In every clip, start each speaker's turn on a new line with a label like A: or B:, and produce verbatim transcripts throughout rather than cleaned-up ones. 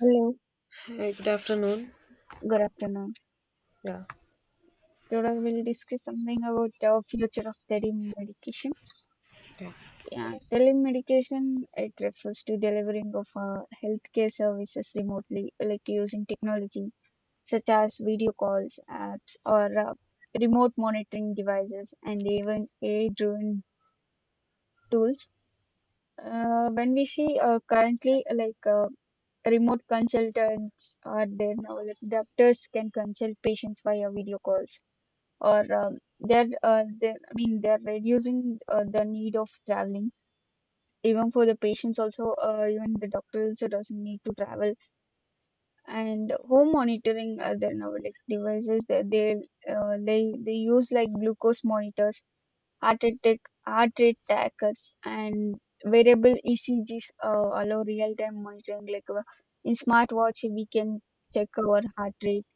A: Hello,
B: Hey, good afternoon.
A: good afternoon.
B: Yeah.
A: Today we'll discuss something about the future of telemedication.
B: Okay.
A: Yeah, telemedication it refers to delivering of uh, healthcare services remotely, like using technology such as video calls, apps, or uh, remote monitoring devices, and even A I-driven tools. Uh, when we see uh, currently uh, like uh, remote consultants are there now, like doctors can consult patients via video calls or um, they're, uh, they're I mean they're reducing uh, the need of traveling. Even for the patients, also uh, even the doctor also doesn't need to travel. And home monitoring uh, their now like devices that they uh, they they use like glucose monitors, heart attack heart rate trackers, and variable E C Gs uh, allow real time monitoring. Like uh, in smartwatch, we can check our heart rate,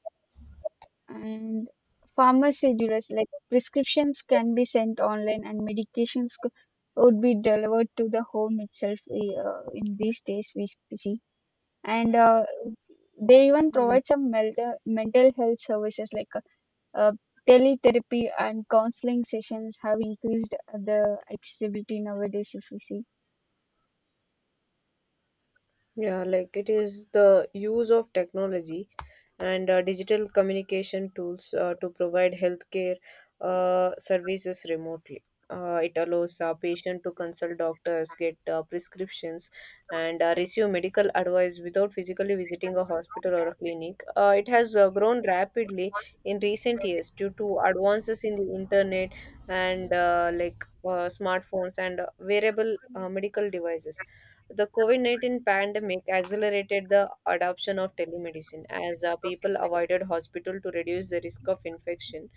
A: and farmer schedules like prescriptions can be sent online and medications c- would be delivered to the home itself eh, uh, in these days we see. And uh, They even provide some mental, mental health services like uh, uh, teletherapy and counseling sessions have increased the accessibility nowadays if you see.
B: Yeah, like it is the use of technology and uh, digital communication tools uh, to provide healthcare uh, services remotely. Uh, it allows a patient to consult doctors, get uh, prescriptions, and uh, receive medical advice without physically visiting a hospital or a clinic. Uh, it has uh, grown rapidly in recent years due to advances in the internet and uh, like uh, smartphones and uh, wearable uh, medical devices. The COVID nineteen pandemic accelerated the adoption of telemedicine as uh, people avoided hospital to reduce the risk of infection.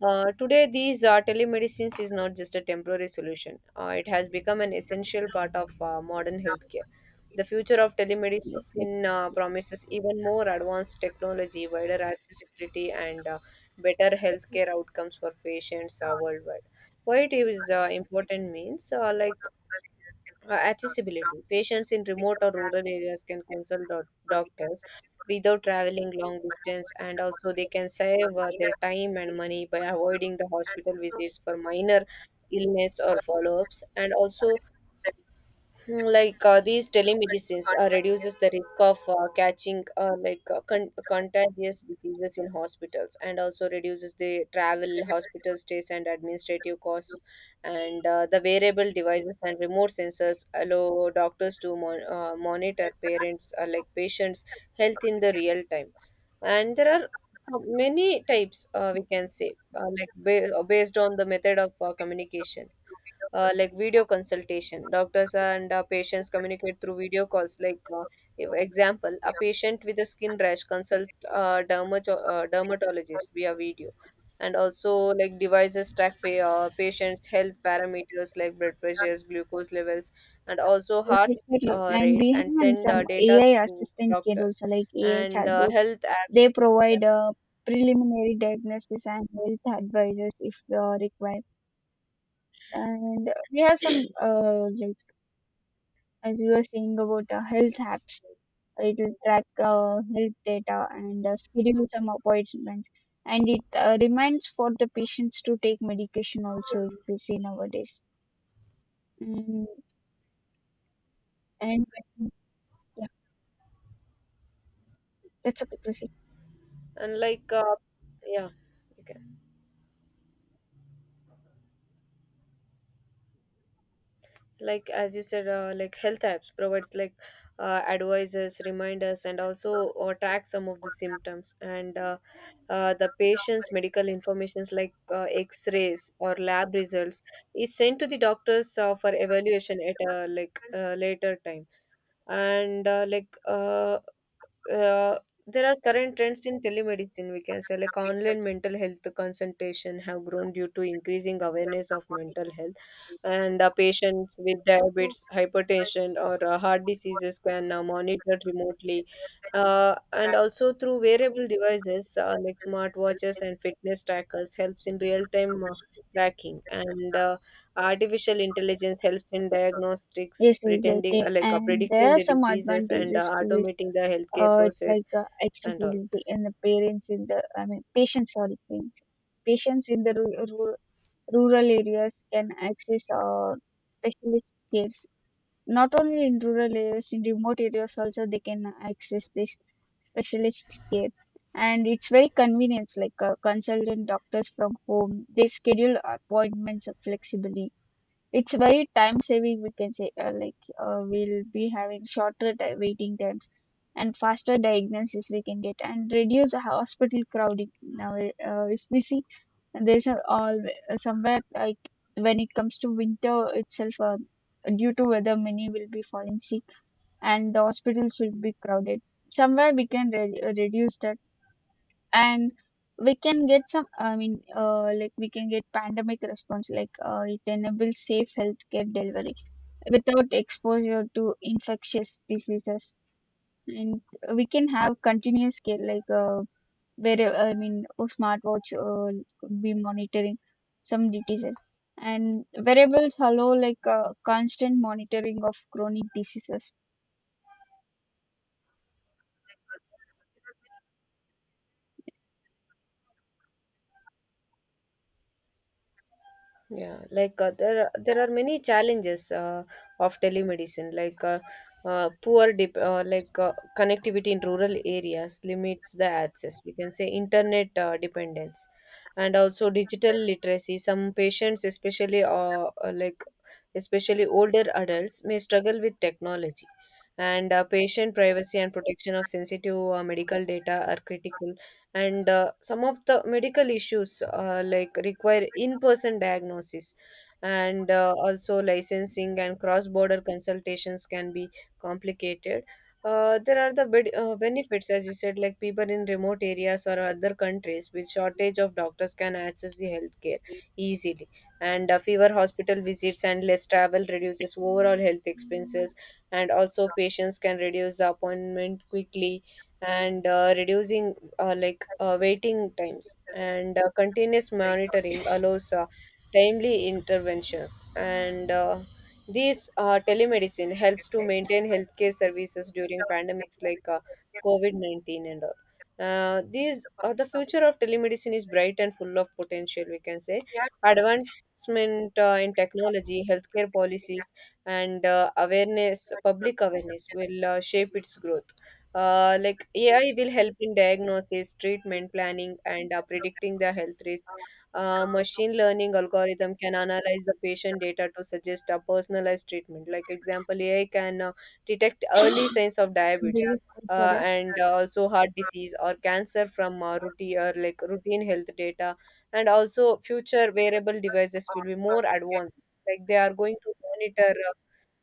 B: Uh, today, these uh, telemedicines is not just a temporary solution, uh, it has become an essential part of uh, modern healthcare. The future of
A: Yes.
B: telemedicine uh, promises even more advanced technology, wider accessibility, and uh, better healthcare outcomes for patients uh, worldwide. Why it is uh, important means uh, like uh, accessibility. Patients in remote or rural areas can consult doc- doctors without traveling long distance, and also they can save uh, their time and money by avoiding the hospital visits for minor illness or follow ups. And also, hmm, like uh, these telemedicines uh, reduces the risk of uh, catching uh, like uh, con- contagious diseases in hospitals, and also reduces the travel, hospital stays, and administrative costs. And uh, the wearable devices and remote sensors allow doctors to mon- uh, monitor parents uh, like patients' health in the real time. And there are so many types uh, we can say, uh, like ba- based on the method of uh, communication. Uh, like video consultation, doctors and uh, patients communicate through video calls. Like uh, if- example, a patient with a skin rash consult uh, dermato- uh, dermatologist via video. And also, like, devices track pay, uh, patients health parameters like blood pressures, glucose levels, and also
A: Yes,
B: heart
A: exactly.
B: uh,
A: And
B: rate,
A: we
B: and
A: have
B: send uh,
A: some
B: data
A: A I
B: to
A: assistant care
B: doctors
A: also, like A I
B: and uh,
A: chatbots.
B: health apps.
A: They
B: Yeah.
A: provide a preliminary diagnosis and health advisors if they required. And we have some, uh, like as we were saying about uh, health apps, it will track uh, health data and uh, schedule some appointments. And it uh, reminds for the patients to take medication also if we see nowadays. Mm, and when- yeah, that's okay. Proceed.
B: And like uh, yeah, okay, like as you said, uh, like health apps provides like uh, advices, reminders, and also uh, track some of the symptoms. And uh, uh, the patient's medical informations like uh, x-rays or lab results is sent to the doctors uh, for evaluation at a like uh, later time. And uh, like uh, uh, there are current trends in telemedicine, we can say, like online mental health consultation have grown due to increasing awareness of mental health. And uh, patients with diabetes, hypertension, or uh, heart diseases can uh, monitor remotely, uh, and also through wearable devices uh, like smartwatches and fitness trackers helps in real time uh, tracking. And uh, artificial intelligence helps in diagnostics,
A: Yes,
B: pretending uh,
A: exactly.
B: like uh,
A: And there
B: predicting
A: are
B: the
A: some
B: diseases and
A: advantages
B: uh,
A: to this.
B: automating the healthcare
A: Uh, it's
B: process
A: like uh,
B: and all.
A: accessibility and the parents in the, I mean, patients, sorry, parents. Patients in the ru- ru- rural areas can access uh, specialist cares. Not only in rural areas, in remote areas also they can access this specialist care. And it's very convenient, like uh, consultant doctors from home. They schedule appointments flexibly. It's very time saving, we can say, uh, like uh, we'll be having shorter ti- waiting times and faster diagnosis we can get and reduce the hospital crowding. Now, uh, if we see there's a, all uh, somewhere like when it comes to winter itself, uh, due to weather, many will be falling sick and the hospitals will be crowded. Somewhere we can re- reduce that, and we can get some i mean uh, like we can get pandemic response like uh, it enables safe healthcare delivery without exposure to infectious diseases, and we can have continuous care, like uh, where I mean a smartwatch uh, could be monitoring some diseases, and wearables allow like uh, constant monitoring of chronic diseases
B: Yeah, like uh, there are, there are many challenges uh, of telemedicine, like uh, uh, poor dip, uh, like uh, connectivity in rural areas limits the access. We can say internet uh, dependence, and also digital literacy. Some patients, especially uh, uh, like especially older adults, may struggle with technology. And uh, patient privacy and protection of sensitive uh, medical data are critical. And uh, some of the medical issues uh, like require in-person diagnosis. And uh, also licensing and cross-border consultations can be complicated. Uh, there are the bed, uh, benefits, as you said, like people in remote areas or other countries with shortage of doctors can access the healthcare easily. And uh, fewer hospital visits and less travel reduces overall health expenses. And also patients can reduce the appointment quickly and uh, reducing uh, like uh, waiting times. And uh, continuous monitoring allows uh, timely interventions. And uh, this uh, telemedicine helps to maintain healthcare services during pandemics like uh, covid nineteen and all. Uh, these uh, the future of telemedicine is bright and full of potential, we can say. Advancement uh, in technology, healthcare policies, and uh, awareness public awareness will uh, shape its growth. Uh, like A I will help in diagnosis, treatment planning, and uh, predicting the health risk. Uh, machine learning algorithm can analyze the patient data to suggest a personalized treatment. Like example, A I can uh, detect early signs of
A: and they
B: diabetes
A: use
B: uh, and uh, also heart disease or cancer from uh, routine or like routine health data. And also future wearable devices will be more advanced. Like they are going to monitor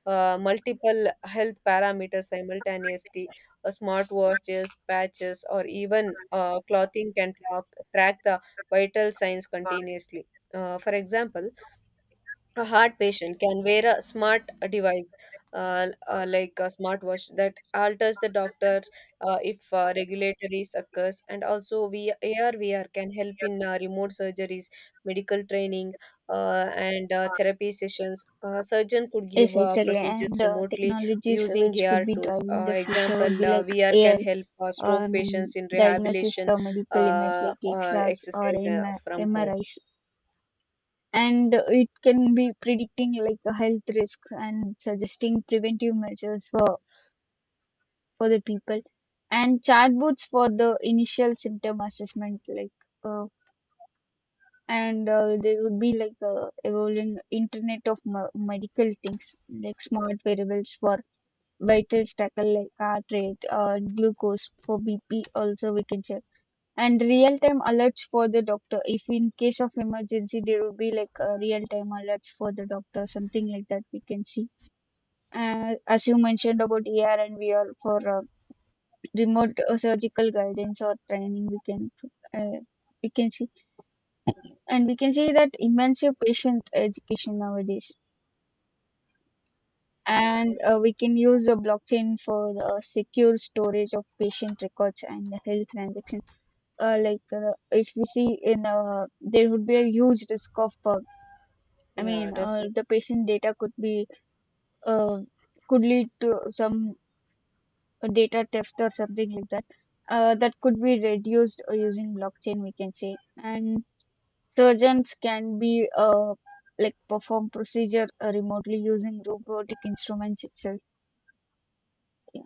B: uh, multiple health parameters simultaneously. Uh, smartwatches, patches, or even uh, clothing can track, track the vital signs continuously. Uh, for example, a heart patient can wear a smart device, uh, uh, like a smartwatch, that alters the doctor uh, if uh, regulatory occurs. And also, we V R can help in uh, remote surgeries, medical training, uh, and uh, therapy sessions. A surgeon could give
A: Yes,
B: uh,
A: exactly.
B: procedures
A: And uh,
B: remotely
A: technologies
B: using
A: which could
B: A R
A: be
B: tools.
A: driving
B: Uh,
A: the future would
B: example,
A: be
B: uh,
A: like
B: V R can
A: A I,
B: help uh, stroke patients
A: um,
B: in
A: diagnosis
B: rehabilitation
A: the medical image
B: uh,
A: like
B: uh,
A: X-rays or
B: exercise
A: M
B: uh, from home.
A: MRIs. And uh, it can be predicting like the health risks and suggesting preventive measures for, for the people. And chatbots for the initial symptom assessment, like uh, and uh, there would be like uh, evolving internet of m- medical things, like smart variables for vital tackle like heart rate, uh, glucose, for bp also we can check, and real time alerts for the doctor. If in case of emergency, there would be like a real time alerts for the doctor, something like that we can see. Uh, as you mentioned about er and vr for uh, remote uh, surgical guidance or training, we can uh, we can see. And we can see that immersive patient education nowadays. And uh, we can use the blockchain for uh, secure storage of patient records and the health transactions. Uh, like uh, if we see in uh, there would be a huge risk of uh, i
B: Yeah,
A: mean uh,
B: definitely.
A: the patient data could be uh, could lead to some data theft or something like that. Uh, that could be reduced uh, using blockchain, we can say. And surgeons can be uh, like perform procedure uh, remotely using robotic instruments itself. Yeah.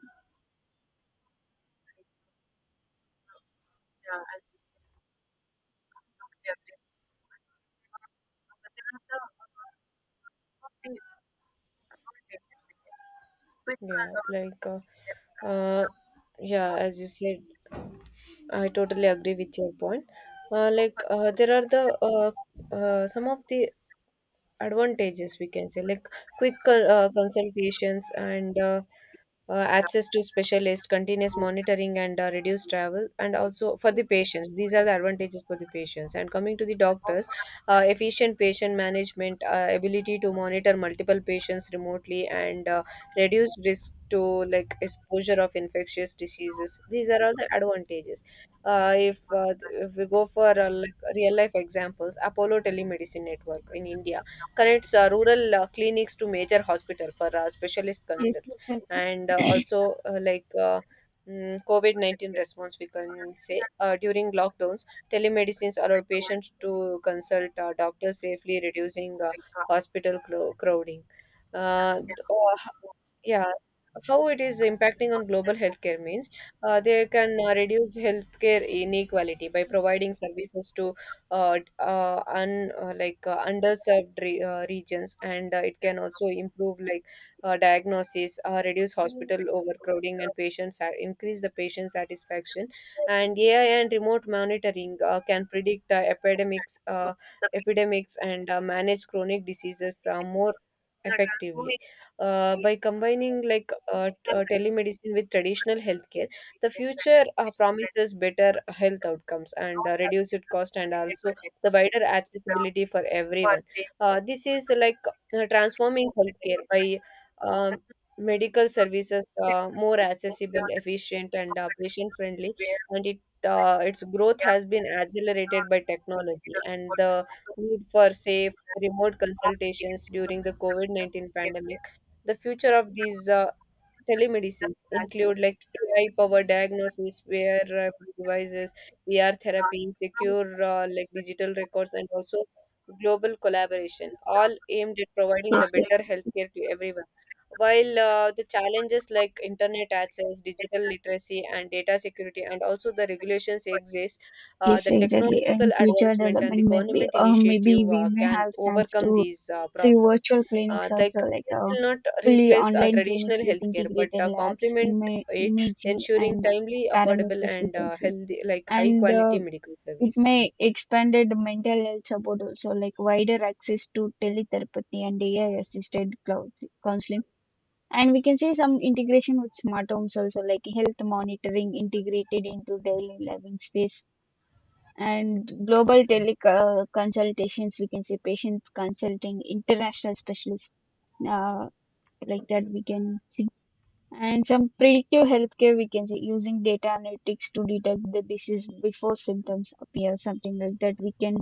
B: Yeah, like, uh, uh, yeah, as you said, I totally agree with your point. Uh, like, uh, there are the uh, uh, some of the advantages, we can say, like quick co- uh, consultations and uh, uh, access to specialist, continuous monitoring, and uh, reduced travel. And also, for the patients, these are the advantages for the patients. And coming to the doctors, uh, efficient patient management, uh, ability to monitor multiple patients remotely, and uh, reduced risk to like exposure of infectious diseases. These are all the advantages. uh, if uh, if we go for uh, like real life examples, Apollo telemedicine network in India connects uh, rural uh, clinics to major hospital for uh, specialist
A: Yes,
B: consults.
A: exactly.
B: And uh, also uh, like uh, mm, covid nineteen response, we can say, uh, during lockdowns telemedicines allowed patients to consult uh, doctors safely, reducing uh, hospital cro- crowding. uh, th- uh, yeah, how it is impacting on global healthcare means uh, they can uh, reduce healthcare inequality by providing services to uh, d- uh, un, uh, like uh, underserved re- uh, regions. And uh, it can also improve like uh, diagnosis, uh, reduce hospital overcrowding, and patients sa- increase the patient satisfaction. And A I and remote monitoring uh, can predict uh, epidemics, uh, epidemics, and uh, manage chronic diseases uh, more effectively. Uh, by combining like uh, t- uh, telemedicine with traditional healthcare, the future uh, promises better health outcomes and uh, reduced cost, and also the wider accessibility for everyone. Uh, this is like uh, transforming healthcare by um, medical services uh, more accessible, efficient, and uh, patient friendly. And it uh, its growth has been accelerated by technology and the need for safe remote consultations during the COVID nineteen pandemic. The future of these uh, telemedicines include like A I-powered diagnosis, wearable devices, V R therapy, secure uh, like digital records, and also global collaboration, all aimed at providing
A: Yes,
B: the
A: ex-
B: better healthcare to everyone. While uh, the challenges like internet access, digital literacy, and data security, and also the regulations exist, uh,
A: yes,
B: the
A: exactly. Uh,
B: technological
A: In future
B: advancement and the
A: development, maybe
B: government
A: uh, maybe
B: initiative
A: we
B: uh,
A: may
B: can
A: have chance
B: overcome
A: to
B: these uh,
A: see
B: problems.
A: virtual
B: Uh,
A: clinics also,
B: like
A: like
B: this
A: uh,
B: will not
A: fully
B: replace uh,
A: online
B: traditional
A: clinics with
B: healthcare, but
A: integrated
B: uh,
A: labs,
B: complement
A: ima
B: it,
A: imaging,
B: ensuring
A: and
B: timely, affordable,
A: parameters we
B: and
A: can
B: uh,
A: see.
B: healthy, like high
A: And uh,
B: quality medical
A: it may
B: services.
A: expanded mental health support also, like wider access to teletherapy and A I assisted cloud counseling. And we can see some integration with smart homes also, like health monitoring integrated into daily living space and global teleconsultations. We can see patient consulting, international specialists, uh, like that we can see. And some predictive healthcare, we can say, using data analytics to detect the disease before symptoms appear, something like that. We can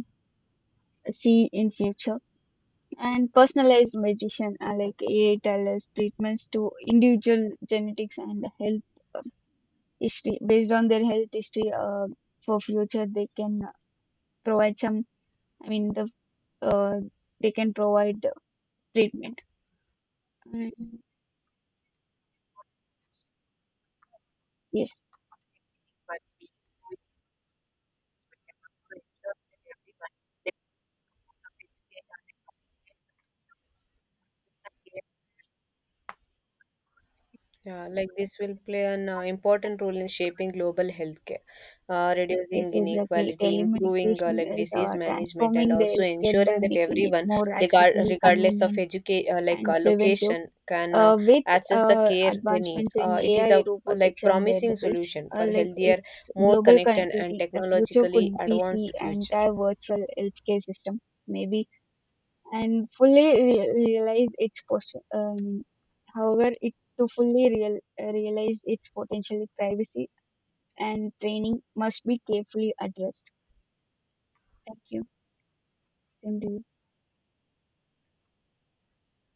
A: see in future. And personalized medicine, uh, like A I tailors treatments to individual genetics and health uh, history based on their health history. Uh, for future, they can provide some I mean the uh, they can provide treatment. Mm, yes
B: Yeah, like this will play an uh, important role in shaping global healthcare, uh,
A: yes,
B: reducing
A: exactly,
B: inequality, improving uh,
A: telemedication
B: like
A: is
B: disease
A: uh,
B: management, and
A: transforming the
B: also
A: healthcare by
B: ensuring that
A: making it
B: everyone,
A: more
B: regard
A: accessible,
B: regardless of
A: convenient,
B: educate uh, like
A: and
B: uh,
A: preventive.
B: location, can uh,
A: uh, with
B: access the
A: uh,
B: care they need.
A: advancements in
B: Uh, it is
A: A I,
B: a like
A: robotics, and
B: promising
A: wearables,
B: solution
A: uh,
B: for
A: like
B: healthier,
A: its
B: more
A: global
B: connected, and
A: connectivity, the future could
B: technologically
A: be see
B: advanced future.
A: entire virtual healthcare system, maybe, and fully re- realize its pos- um, However, it to fully real- realize its potential, privacy and training must be carefully addressed. Thank you. Same to you.